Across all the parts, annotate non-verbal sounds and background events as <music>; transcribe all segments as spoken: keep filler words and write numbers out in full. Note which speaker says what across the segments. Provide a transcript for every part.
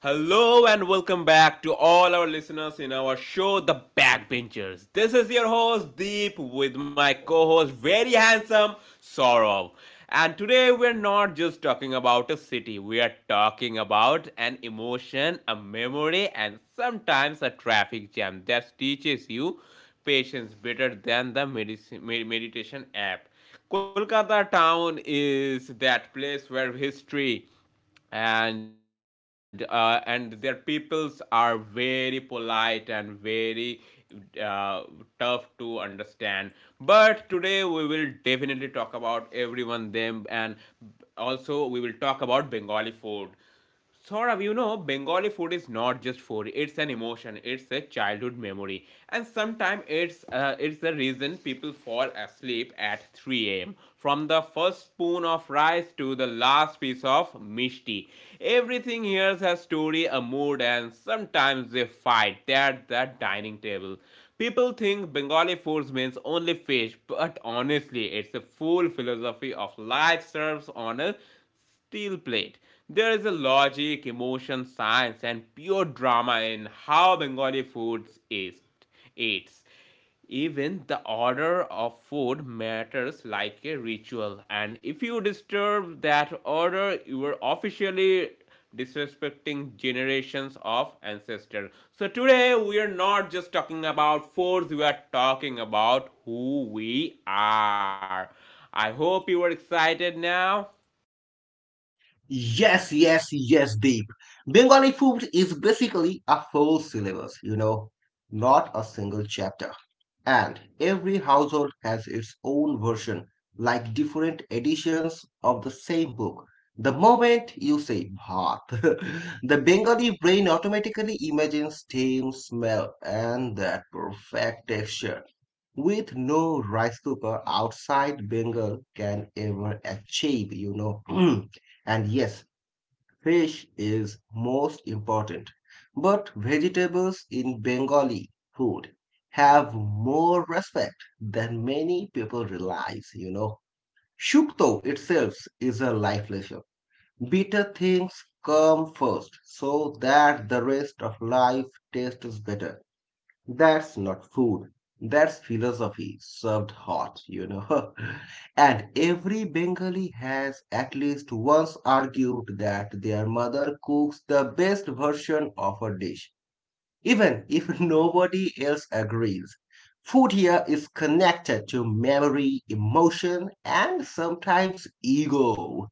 Speaker 1: Hello and welcome back to all our listeners in our show, The Backbenchers. This is your host Deep with my co host, very handsome Sorov. And today we're not just talking about a city, we are talking about an emotion, a memory, and sometimes a traffic jam that teaches you patience better than the medici- med- meditation app. Kolkata town is that place where history and uh, and their peoples are very polite and very uh, tough to understand, but today we will definitely talk about everyone them, and also we will talk about bengali food. Sort of you know bengali food is not just food, it's an emotion, it's a childhood memory, and sometimes it's uh, it's the reason people fall asleep at three a m a.m. From the first spoon of rice to the last piece of mishti, everything here has a story, a mood, and sometimes they fight at the dining table. People think Bengali food means only fish, but honestly, it's a full philosophy of life serves on a steel plate. There is a logic, emotion, science, and pure drama in how Bengali foods is eats. Even the order of food matters like a ritual, and if you disturb that order, you are officially disrespecting generations of ancestors. So today we are not just talking about foods, we are talking about who we are. I hope you are excited now.
Speaker 2: Yes, yes, yes, Deep. Bengali food is basically a full syllabus, you know, not a single chapter. And every household has its own version, like different editions of the same book. The moment you say bhat, <laughs> the Bengali brain automatically imagines steam, smell, and that perfect texture. With no rice cooker outside Bengal can ever achieve, you know. <clears throat> And yes, fish is most important, but vegetables in Bengali food have more respect than many people realize, you know. Shukto itself is a life lesson. Bitter things come first so that the rest of life tastes better. That's not food. That's philosophy served hot, you know. <laughs> And every Bengali has at least once argued that their mother cooks the best version of a dish, even if <laughs> nobody else agrees. Food here is connected to memory, emotion, and sometimes ego.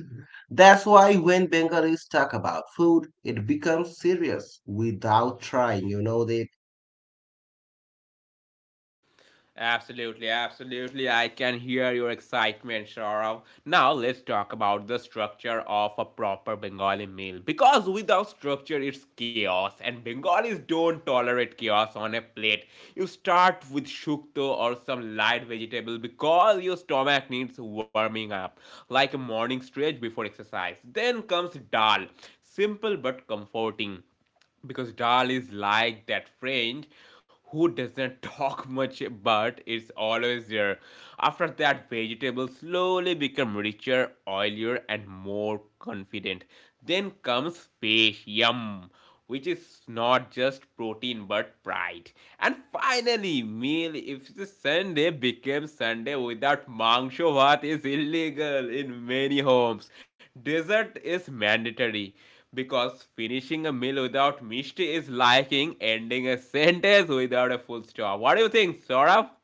Speaker 2: <gasps> That's why when Bengalis talk about food, it becomes serious without trying. You know, they
Speaker 1: Absolutely, absolutely. I can hear your excitement, Saurav. Now let's talk about the structure of a proper Bengali meal. Because without structure, it's chaos, and Bengalis don't tolerate chaos on a plate. You start with shukto or some light vegetable because your stomach needs warming up, like a morning stretch before exercise. Then comes dal, simple but comforting, because Dal is like that friend who doesn't <laughs> talk much but it's always there. After that, vegetables slowly become richer, oilier, and more confident. Then comes fish, yum, which is not just protein but pride. And finally, meal if the Sunday became Sunday without mangsho bhat is illegal in many homes. Dessert is mandatory because finishing a meal without mishti is liking ending a sentence without a full stop. What do you think, Saurabh?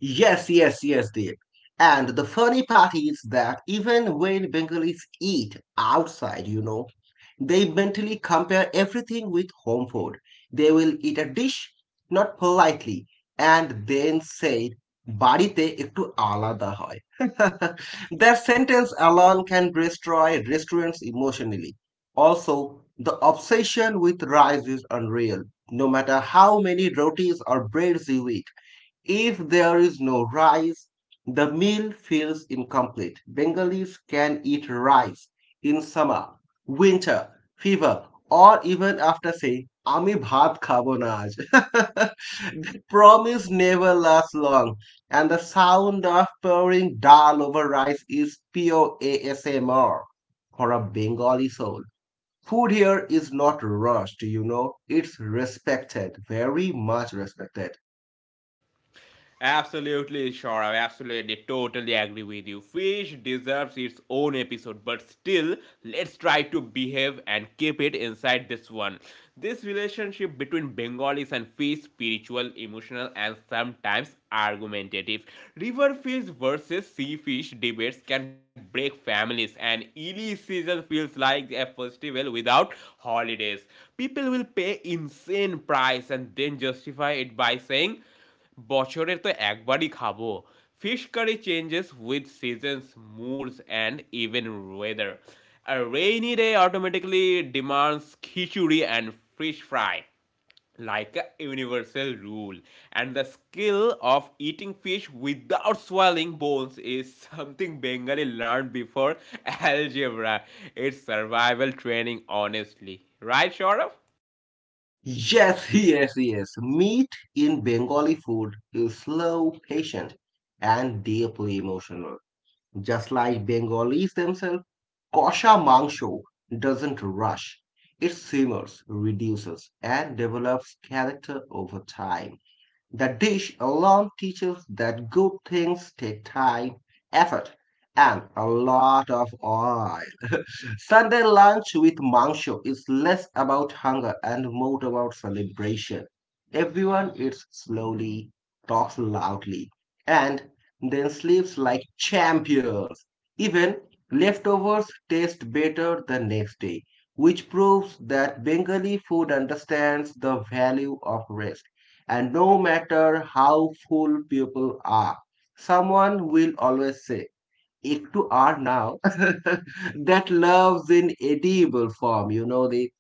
Speaker 2: Yes, yes, yes, Dave. And the funny part is that even when Bengalis eat outside, you know, they mentally compare everything with home food. They will eat a dish, not politely, and then say, বাড়িতে একটু আলাদা হয় <laughs> That sentence alone can destroy restaurants emotionally. Also, the obsession with rice is unreal. No matter how many rotis or breads you eat, if there is no rice, the meal feels incomplete. Bengalis can eat rice in summer, winter, fever, or even after saying, "Ami bhat খাবো না আজ। <laughs> The promise never lasts long, and the sound of pouring dal over rice is pure A S M R for a Bengali soul. Food here is not rushed, you know, it's respected, very much respected.
Speaker 1: Absolutely, sure. I absolutely totally agree with you. Fish deserves its own episode, but still, let's try to behave and keep it inside this one. This relationship between Bengalis and fish, spiritual, emotional, and sometimes argumentative. River fish versus sea fish debates can break families, and Ely season feels like a festival without holidays. People will pay insane price and then justify it by saying বছরে তো একবারই খাবো fish curry changes with seasons moods and even weather. A rainy day automatically demands khichuri and fish fry, like a universal rule, and the skill of eating fish without swallowing bones is something bengali learned before algebra. It's survival training, honestly, right Shaurav?
Speaker 2: Yes, <laughs> yes, yes. Meat in Bengali food is slow, patient, and deeply emotional. Just like Bengalis themselves, kosha mangsho doesn't rush. It simmers, reduces, and develops character over time. The dish alone teaches that good things take time, effort, and a lot of oil. Sunday lunch with mangsho is less about hunger and more about celebration. Everyone eats slowly, talks loudly, and then sleeps like champions. Even leftovers taste better the next day, which proves that Bengali food understands the value of rest. And no matter how full people are, someone will always say, একটু are now <laughs> that loves in edible form, you know the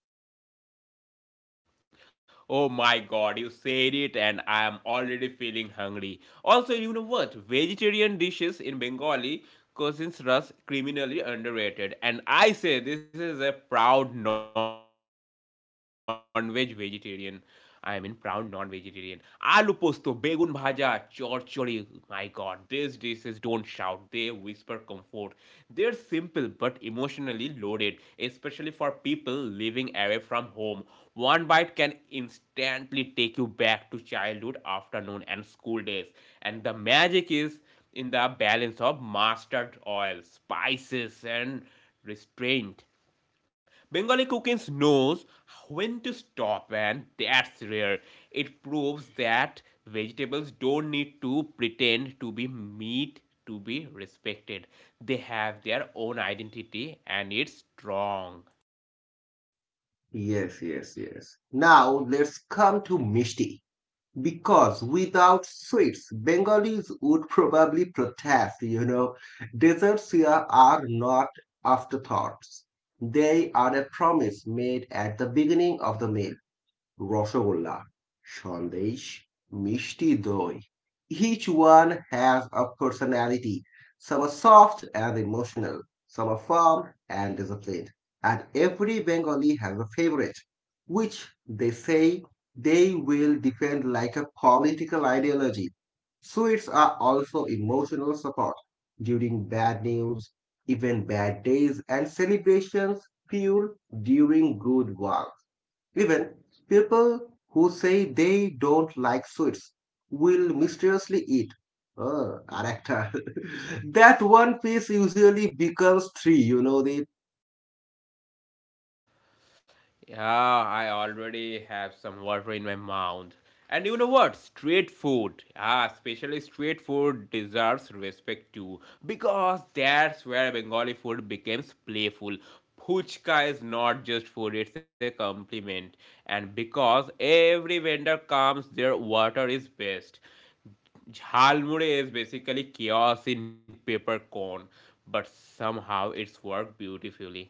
Speaker 1: Oh my god, you said it and I am already feeling hungry. Also, you know what? Vegetarian dishes in Bengali cuisines are criminally underrated. And I say this is a proud non-veg vegetarian. I mean proud non-vegetarian. Aloo posto, begun bhaja, chorchori. My god, these dishes don't shout, they whisper comfort. They're simple but emotionally loaded, especially for people living away from home. One bite can instantly take you back to childhood, afternoon, and school days. And the magic is in the balance of mustard oil, spices, and restraint. Bengali cooking knows when to stop, and that's rare. It proves that vegetables don't need to pretend to be meat to be respected. They have their own identity, and it's strong.
Speaker 2: yes, yes, yes. Now let's come to mishti. Because without sweets, Bengalis would probably protest, you know. Desserts here are not afterthoughts. They are a promise made at the beginning of the meal. Rasgulla sandesh mishti doi. Each one has a personality. Some are soft and emotional, some are firm and disciplined, and every Bengali has a favorite, which they say they will defend like a political ideology. Sweets are also emotional support during bad news, even bad days, and celebrations fuel during good ones. Even people who say they don't like sweets will mysteriously eat. Oh, Arakta. <laughs> That one piece usually becomes three, you know the
Speaker 1: Yeah, I already have some water in my mouth. And you know what? Street food, ah, especially street food deserves respect too, because that's where Bengali food becomes playful. Puchka is not just food, it's a compliment. And because every vendor comes, their water is best. Jhalmuri is basically chaos in paper cone, but somehow it's worked beautifully.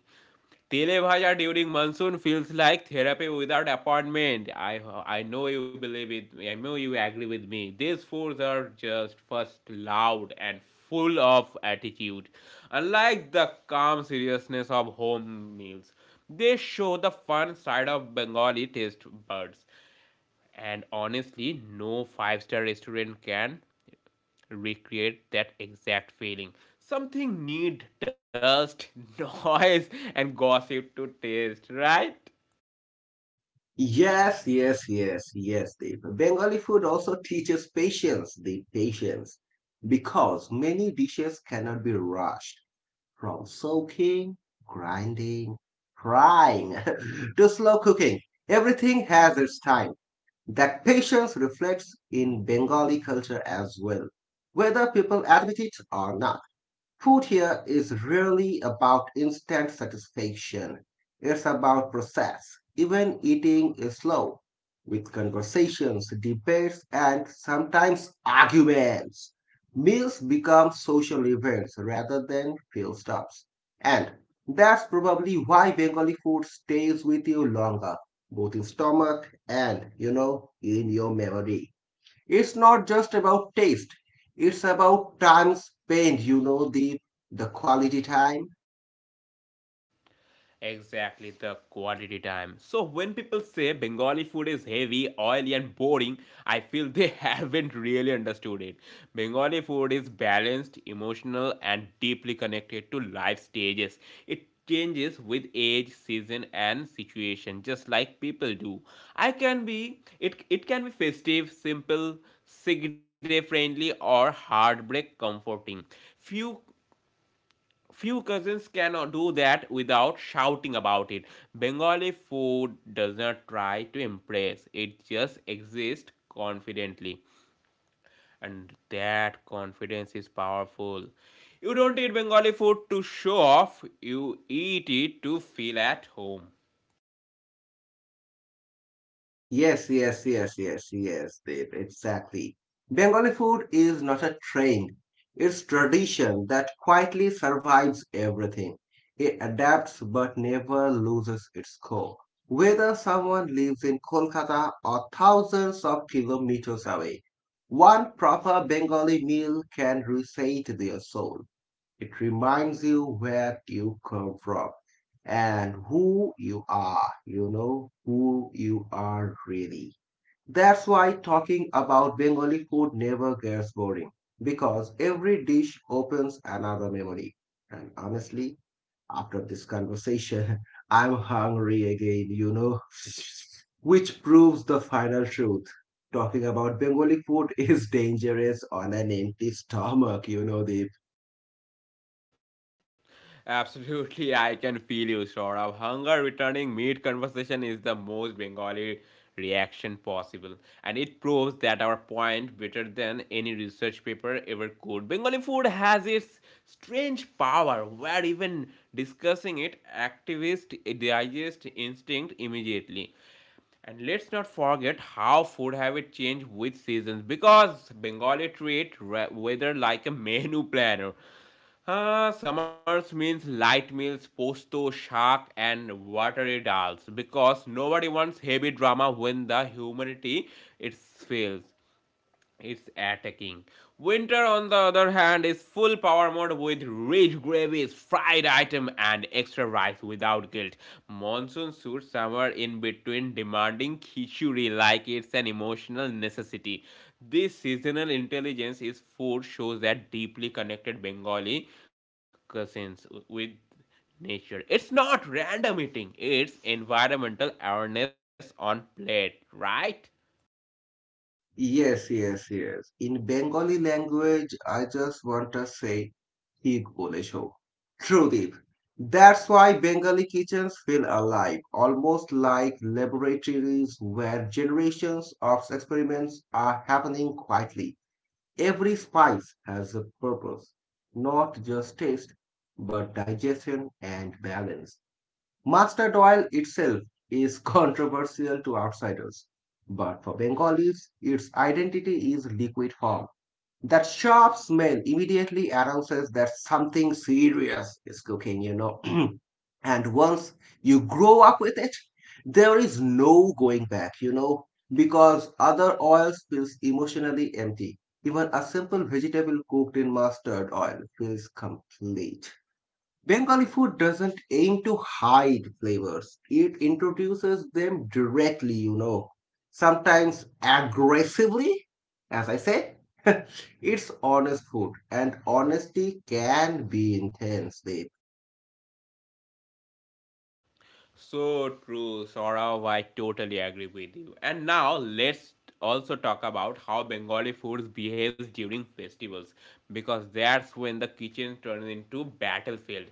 Speaker 1: Tele bhaja during monsoon feels like therapy without appointment. I I know you believe it. I know you agree with me. These foods are just first loud and full of attitude. Unlike the calm seriousness of home meals, they show the fun side of Bengali taste buds. And honestly, no five-star restaurant can recreate that exact feeling. Something need dust, <laughs> noise, and gossip to taste, right?
Speaker 2: Yes, yes, yes, yes, Deep. Bengali food also teaches patience, the patience, because many dishes cannot be rushed from soaking, grinding, frying <laughs> to slow cooking. Everything has its time. That patience reflects in Bengali culture as well, whether people admit it or not. Food here is rarely about instant satisfaction. It's about process. Even eating is slow, with conversations, debates, and sometimes arguments. Meals become social events rather than fuel stops. And that's probably why Bengali food stays with you longer, both in stomach and, you know, in your memory. It's not just about taste. It's about time spent, you know, the the quality time.
Speaker 1: Exactly the quality time. So when people say Bengali food is heavy, oily, and boring, I feel they <laughs> haven't really understood it. Bengali food is balanced, emotional, and deeply connected to life stages. It changes with age, season, and situation, just like people do. I can be it. It can be festive, simple, sick day friendly, or heartbreak comforting. Few Few cousins cannot do that without shouting about it. Bengali food does not try to impress, it just exists confidently. And that confidence is powerful. You don't eat Bengali food to show off, you eat it to feel at home.
Speaker 2: Yes, yes, yes, yes, yes, Deep, exactly. Bengali food is not a trend. It's tradition that quietly survives everything. It adapts but never loses its core. Whether someone lives in Kolkata or thousands of kilometers away, one proper Bengali meal can reset their soul. It reminds you where you come from and who you are, you know, who you are really. That's why talking about Bengali food never gets boring because every dish opens another memory. And honestly, after this conversation, <laughs> I'm hungry again, you know, <laughs> which proves the final truth. Talking about Bengali food is dangerous on an empty stomach, you know, the
Speaker 1: Absolutely, I can feel you, Saurabh. Hunger returning meat conversation is the most Bengali reaction possible, and it proves that our point better than any research paper ever could. Bengali food has its strange power, where even discussing it, activists digest instinct immediately. And let's not forget how food habit change with seasons because Bengali treat weather like a <laughs> menu planner. Uh, summers means light meals, posto, shark, and watery dals because nobody wants heavy drama when the humanity it fails. It's attacking. Winter, on the other hand, is full power mode with rich gravies, fried item, and extra rice without guilt. Monsoon suits somewhere in between, demanding khichuri like it's an emotional necessity. This seasonal intelligence is food shows that deeply connected Bengali cousins with nature. It's not random eating, it's environmental awareness on plate, right?
Speaker 2: Yes, yes, yes. In Bengali language, I just want to say, ঠিক বলেছো Trudeep. That's why Bengali kitchens feel alive, almost like laboratories where generations of experiments are happening quietly. Every spice has a purpose, not just taste, but digestion and balance. Mustard oil itself is <laughs> controversial to outsiders, but for Bengalis, its identity is liquid form. That sharp smell immediately announces that something serious is cooking, you know. <clears throat> And once you grow up with it, there is no going back, you know, because other oils feels emotionally empty. Even a simple vegetable cooked in mustard oil feels complete. Bengali food doesn't aim to hide flavors. It introduces them directly, you know, sometimes aggressively, as I say. <laughs> It's honest food, and honesty can be intense, Deep.
Speaker 1: So true, Saurav. I totally agree with you. And now let's also talk about how Bengali foods behaves during festivals because that's when the kitchen turns into battlefield.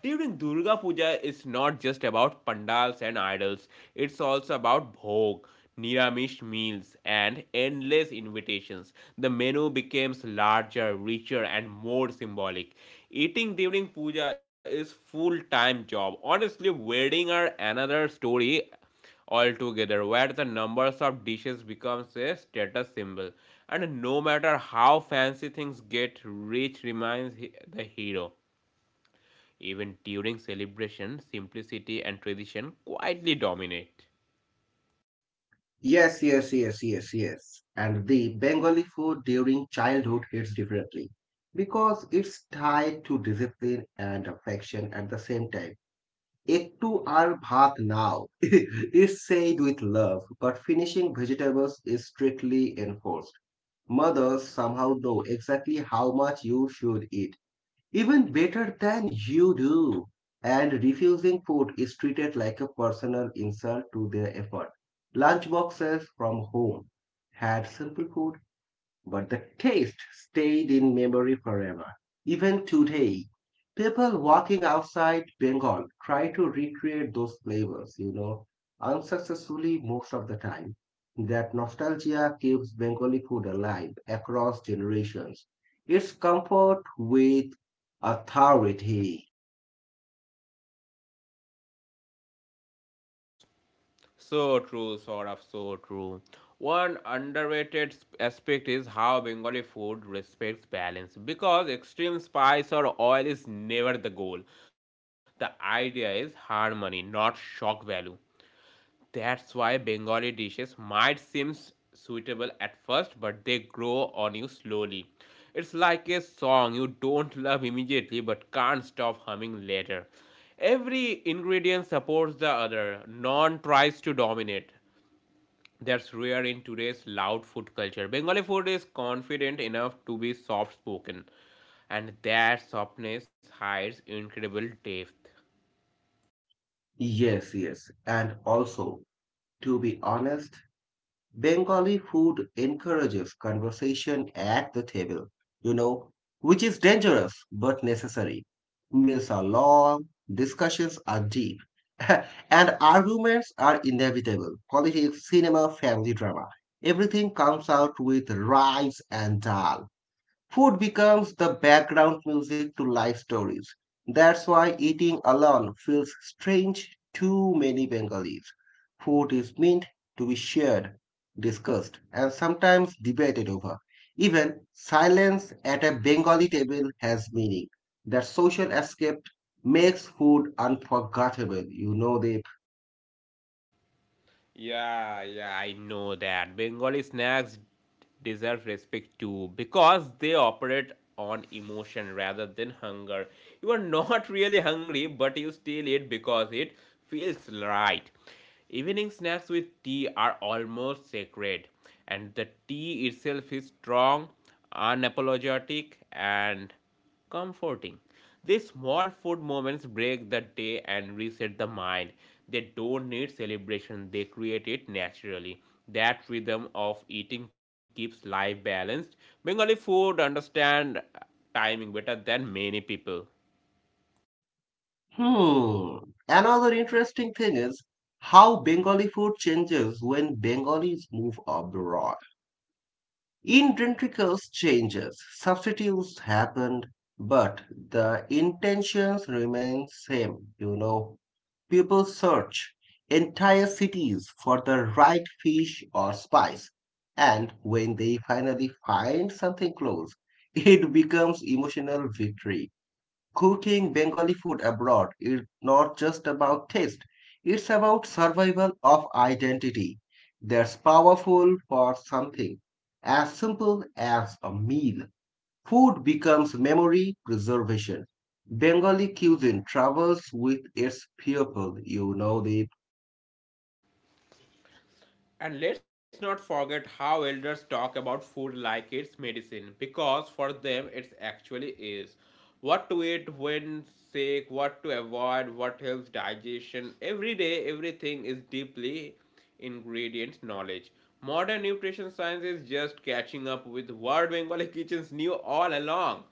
Speaker 1: During Durga Puja, it's not just about pandals and idols. It's also about bhog, niramish meals, and endless invitations. The menu becomes larger, richer, and more symbolic. Eating during puja is full time job. Honestly, wedding are another story altogether where the numbers of dishes becomes a status symbol, and no matter how fancy things get rich remains the hero. Even during celebration, simplicity and tradition quietly dominate.
Speaker 2: Yes, yes, yes, yes, yes. And the Bengali food during childhood hits differently because it's tied to discipline and affection at the same time. Ektu আর ভাত now <laughs> is said with love, but finishing vegetables is strictly enforced. Mothers somehow know exactly how much you should eat, even better than you do. And refusing food is treated like a personal insult to their effort. Lunch boxes from home had simple food but the taste stayed in memory forever. Even today, people walking outside Bengal try to recreate those flavors, you know, unsuccessfully most of the time. That nostalgia keeps Bengali food alive across generations. It's comfort with authority.
Speaker 1: So true, sort of so true. One underrated sp- aspect is how Bengali food respects balance because extreme spice or oil is never the goal. The idea is harmony, not shock value. That's why Bengali dishes might seem suitable at first, but they grow on you slowly. It's like a song you don't love immediately but can't stop humming later. Every ingredient supports the other, none tries to dominate. That's rare in today's loud food culture. Bengali food is confident enough to be soft spoken, and that softness hides incredible depth.
Speaker 2: Yes, yes. And also, to be honest, Bengali food encourages conversation at the table, you know, which is dangerous but necessary. Meals are long, discussions are deep, <laughs> and arguments are inevitable. Politics, cinema, family drama, everything comes out with rice and dal. Food becomes the background music to life stories. That's why eating alone feels strange to many Bengalis. Food is meant to be shared, discussed, and sometimes debated over. Even silence at a Bengali table has meaning. That social escape makes food unforgettable. You know that.
Speaker 1: Yeah, yeah, I know that. Bengali snacks deserve respect too because they operate on emotion rather than hunger. You are not <laughs> really hungry, but you still eat because it feels right. Evening snacks with tea are almost sacred, and the tea itself is strong, unapologetic, and comforting. These small food moments break the day and reset the mind. They don't need celebration, they create it naturally. That rhythm of eating keeps life balanced. Bengali food understand timing better than many people.
Speaker 2: Hmm. Another interesting thing is how Bengali food changes when Bengalis move abroad. In Dentricles changes, substitutes happened, but the intentions remain same. You know, people search entire cities for the right fish or spice, and when they finally find something close, <laughs> it becomes emotional victory. Cooking Bengali food abroad is not just about taste, it's about survival of identity. That's powerful for something as simple as a meal. Food becomes memory preservation. Bengali cuisine travels with its people, you know this.
Speaker 1: And let's not forget how elders talk about food like it's medicine, because for them it actually is. What to eat when sick, what to avoid, what helps digestion. Every day, everything is deeply ingredient knowledge. Modern nutrition science is just catching up with what Bengali kitchens knew all along.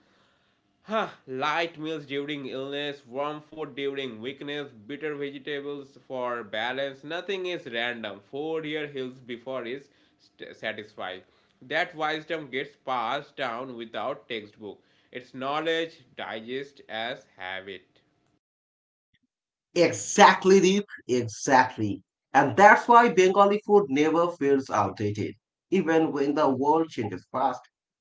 Speaker 1: <sighs> Huh, light meals during illness, warm food during weakness, bitter vegetables for balance. Nothing is random. Food here heals before is st- satisfied. That wisdom gets passed down without textbook. It's knowledge digest as habit.
Speaker 2: Exactly, Deep. Exactly. And that's why Bengali food never feels outdated. Even when the world changes fast,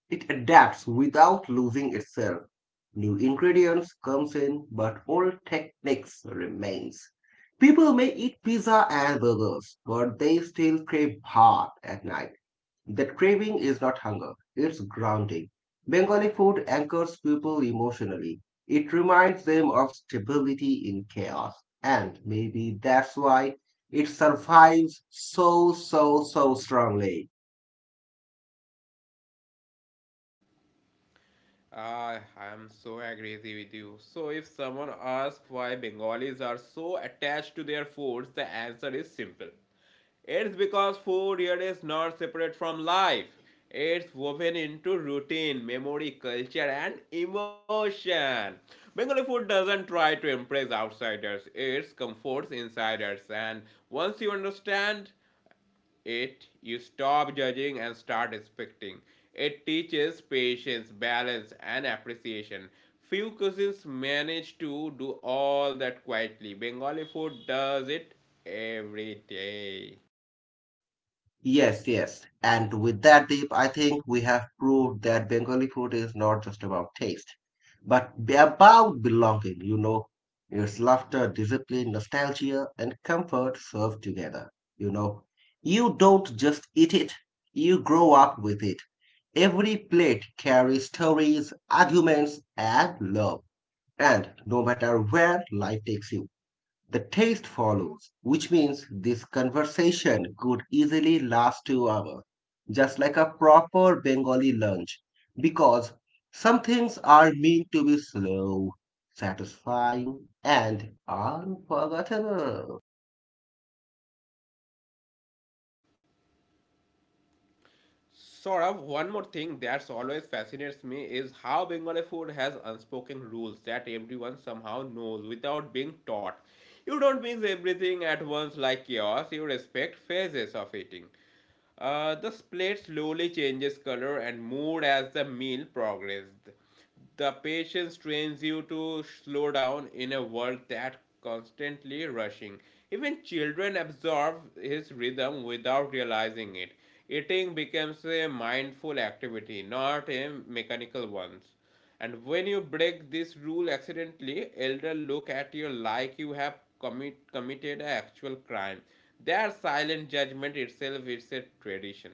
Speaker 2: it adapts without losing itself. New ingredients comes in, but old techniques remains. People may eat pizza and burgers, but they still crave bhat at night. That craving is not hunger, it's grounding. Bengali food anchors people emotionally. It reminds them of stability in chaos. And maybe that's why it survives so, so, so strongly.
Speaker 1: Ah, I'm so agree with you. So if someone asks why Bengalis are so attached to their foods, the answer is simple. It's because food here is not separate from life. It's woven into routine, memory, culture, and emotion. Bengali food doesn't try to impress outsiders, it comforts insiders. And once you understand it, you stop judging and start respecting. It teaches patience, balance, and appreciation. Few cuisines manage to do all that quietly. Bengali food does it every day.
Speaker 2: Yes, yes. And with that, Deep, I think we have proved that Bengali food is not just about taste, but be- about belonging, you know. It's laughter, discipline, nostalgia, and comfort served together, you know. You don't just eat it, you grow up with it. Every plate carries stories, arguments, and love. And no matter where life takes you, the taste follows, which means this conversation could easily last two hours, just like a proper Bengali lunch, because some things are meant to be slow, satisfying, and unforgettable.
Speaker 1: Saurabh, one more thing that's always fascinates me is how Bengali food has unspoken rules that everyone somehow knows without being taught. You don't mix everything at once like chaos, you respect phases of eating. Uh, the plate slowly changes color and mood as the meal progressed. The patience trains you to slow down in a world that constantly rushing. Even children absorb his rhythm without realizing it. Eating becomes a mindful activity, not a mechanical one. And when you break this rule accidentally, elder look at you like you have commit, committed an actual crime. Their silent judgment itself is a tradition.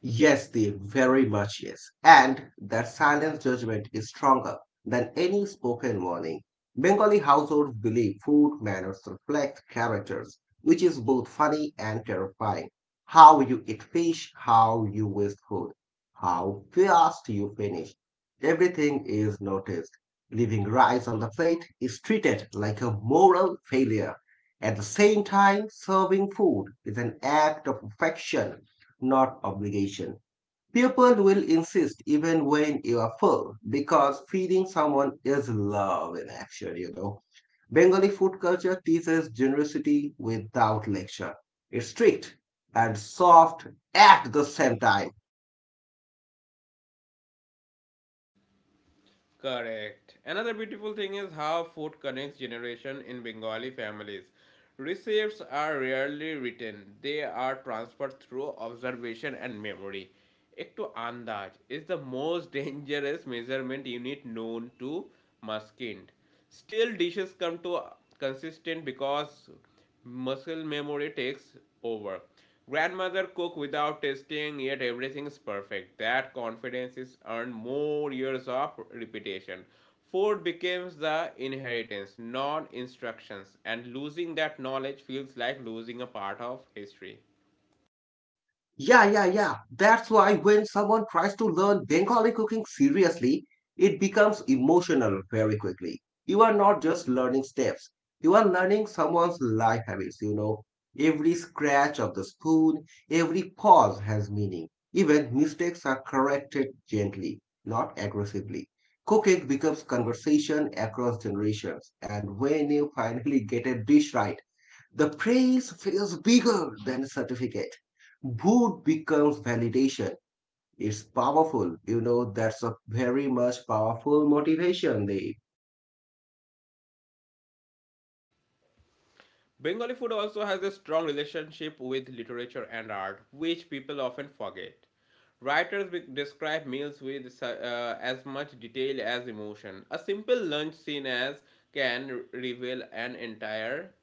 Speaker 2: Yes, Dave, very much yes. And that silent judgment is stronger than any spoken warning. Bengali households believe food manners reflect characters, which is both funny and terrifying. How you eat fish, how you waste food, how fast you finish. Everything is noticed. Leaving rice on the plate is treated like a moral failure. At the same time, serving food is an act of affection not obligation. People will insist even when you are full because feeding someone is love in action, you know. Bengali food culture teaches generosity without lecture. It's strict and soft at the same time.
Speaker 1: Correct. Another beautiful thing is how food connects generation in Bengali families. Recipes are rarely written. They are transferred through observation and memory. Ekto andaj is the most <laughs> dangerous measurement unit known to mankind. Still, dishes come to consistent because muscle memory takes over. Grandmother cook without tasting, yet everything is perfect. That confidence is earned more years of repetition. Food becomes the inheritance, not instructions, and losing that knowledge feels like losing a part of history.
Speaker 2: Yeah, yeah, yeah. That's why when someone tries to learn Bengali cooking seriously, it becomes emotional very quickly. You are not just learning steps, you are learning someone's life habits, you know. Every scratch of the spoon, every pause has meaning. Even mistakes are corrected gently, not aggressively. Cooking becomes conversation across generations, and when you finally get a dish right, the praise feels bigger than a certificate. Boot becomes validation. It's powerful. You know, that's a very much powerful motivation. They
Speaker 1: Bengali food also has a strong relationship with literature and art, which people often forget. Writers describe meals with uh, as much detail as emotion. A simple lunch scene as can reveal an entire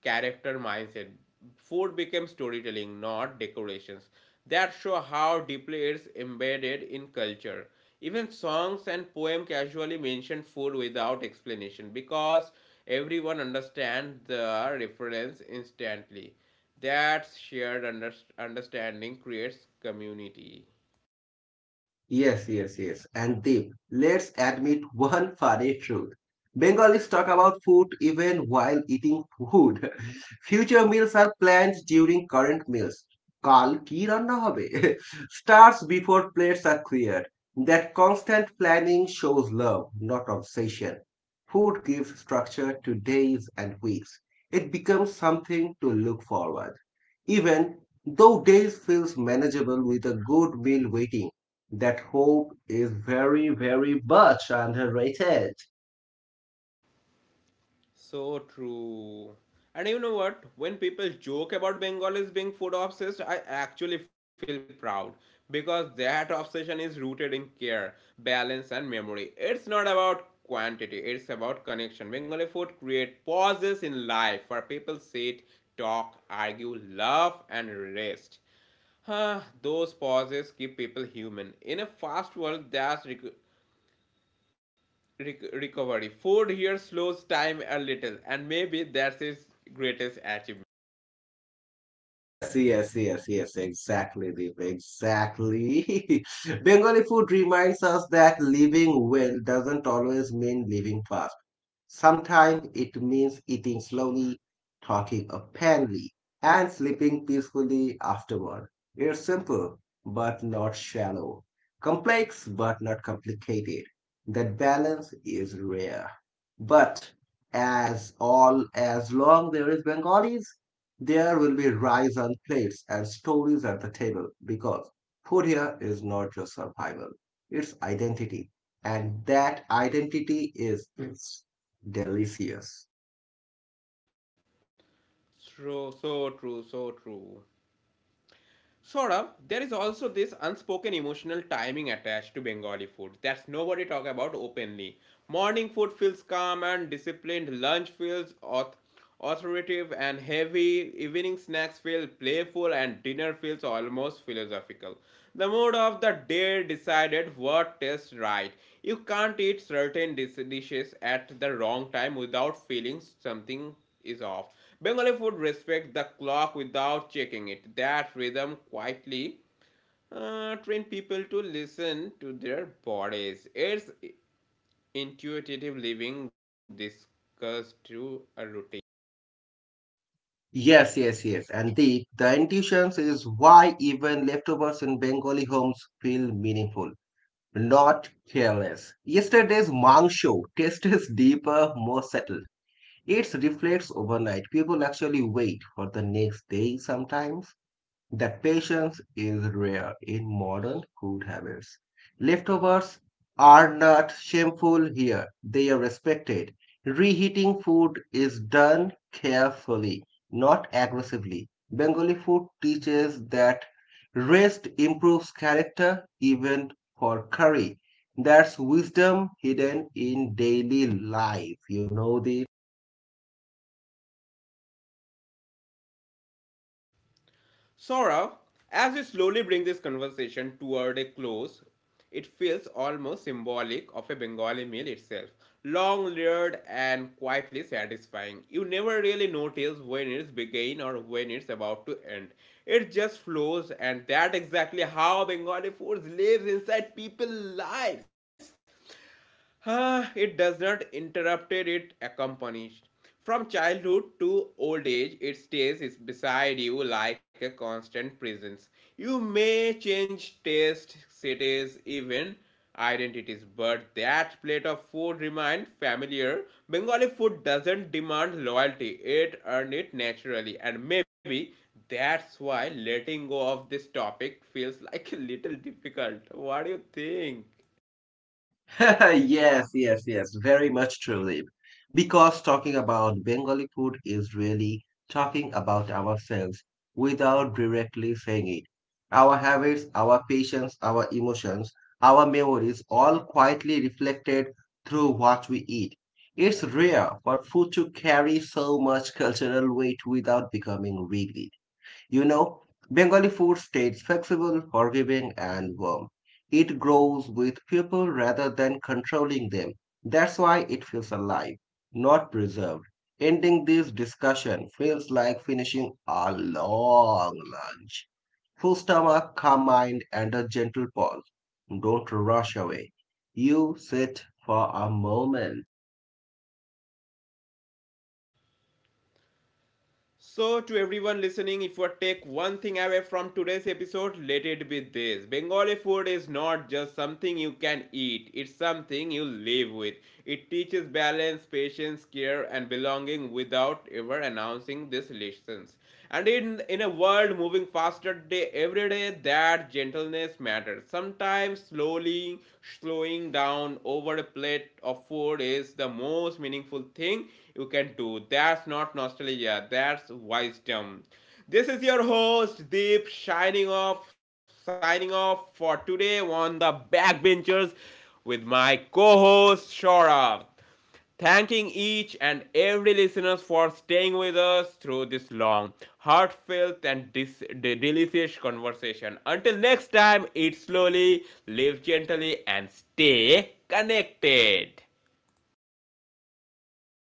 Speaker 1: character mindset. Food became storytelling, not decorations. That show how deeply it's embedded in culture. Even songs and poem casually mention food without explanation because everyone understands the reference instantly. That shared under understanding creates community.
Speaker 2: Yes, yes, yes. And Deep, let's admit one <laughs> funny truth. Bengalis talk about food even while eating food. <laughs> Future meals are planned during current meals. কাল কি রান্না হবে <laughs> Starts before plates are cleared. That constant planning shows love, not obsession. Food gives structure to days and weeks. It becomes something to look forward even though days feels manageable with a good meal waiting, that hope is very, very much underrated.
Speaker 1: So true. And you know what? When people joke about Bengalis being food obsessed, I actually feel proud because that obsession is rooted in care, balance, and memory. It's not about quantity, it's about connection. Bengali food creates pauses in life where people sit, talk, argue, laugh, and rest. Huh, those pauses keep people human. In a fast world that rec- rec- recovery. Food here slows time a little, and maybe that's his greatest achievement.
Speaker 2: Yes, yes, yes, yes, exactly, Deep, exactly. <laughs> Bengali food reminds us that living well doesn't always mean living fast. Sometimes it means eating slowly, talking openly, and sleeping peacefully afterward. It's simple, but not shallow. Complex, but not complicated. That balance is rare. But as all as long there is Bengalis, there will be rice on plates and stories at the table because food here is not just survival, it's identity. And that identity is delicious.
Speaker 1: So, so true, so true. Saurabh, there is also this unspoken emotional timing attached to Bengali food that nobody talk about openly. Morning food feels calm and disciplined, lunch feels auth- authoritative and heavy, evening snacks feel playful, and dinner feels almost philosophical. The mood of the day decided what tastes right. You can't eat certain dis- dishes at the wrong time without feeling something is off. Bengali food respect the clock without checking it. That rhythm quietly uh, train people to listen to their bodies. It's intuitive living discussed through a routine.
Speaker 2: Yes, yes, yes. And the, the intuition is why even leftovers in Bengali homes feel meaningful, not careless. Yesterday's mangsho tastes deeper, more settled. It reflects overnight. People actually wait for the next day sometimes. That patience is rare in modern food habits. Leftovers are not shameful here, they are respected. Reheating food is done carefully, not aggressively. Bengali food teaches that rest improves character even for curry. That's wisdom hidden in daily life. You know the.
Speaker 1: Saurav, as we slowly bring this conversation toward a close, it feels almost symbolic of a Bengali meal itself. Long, layered, and quietly satisfying. You never really notice when it's begin or when it's about to end. It just flows, and that's exactly how Bengali food lives inside people's lives. Ah, it does not interrupt it, accompanies. From childhood to old age, it stays is beside you like a constant presence. You may change tastes, cities, even identities, but that plate of food remains familiar. Bengali food doesn't demand loyalty, it earned it naturally, and maybe that's why letting go of this topic feels like a little difficult. What do you think?
Speaker 2: <laughs> Yes, yes, yes, very much true, Deep. Because talking about Bengali food is really talking about ourselves without directly saying it. Our habits, our patience, our emotions, our memories all quietly reflected through what we eat. It's rare for food to carry so much cultural weight without becoming rigid. You know, Bengali food stays flexible, forgiving, and warm. It grows with people rather than controlling them. That's why it feels alive, not preserved. Ending this discussion feels like finishing a long lunch. Full stomach, calm mind, and a gentle pause. Don't rush away. You sit for a moment
Speaker 1: So, to everyone listening, if you take one thing away from today's episode, let it be this: Bengali food is not just something you can eat, it's something you live with. It teaches balance, patience, care, and belonging without ever announcing these lessons. And in, in a world moving faster day every day, that gentleness matters. Sometimes slowly slowing down over a plate of food is the most meaningful thing you can do. That's not nostalgia, that's wisdom. This is your host Deep shining off, signing off for today on The Backbenchers with my co-host Shora. Thanking each and every listener for staying with us through this long, heartfelt and dis- de- delicious conversation. Until next time, eat slowly, live gently, and stay connected.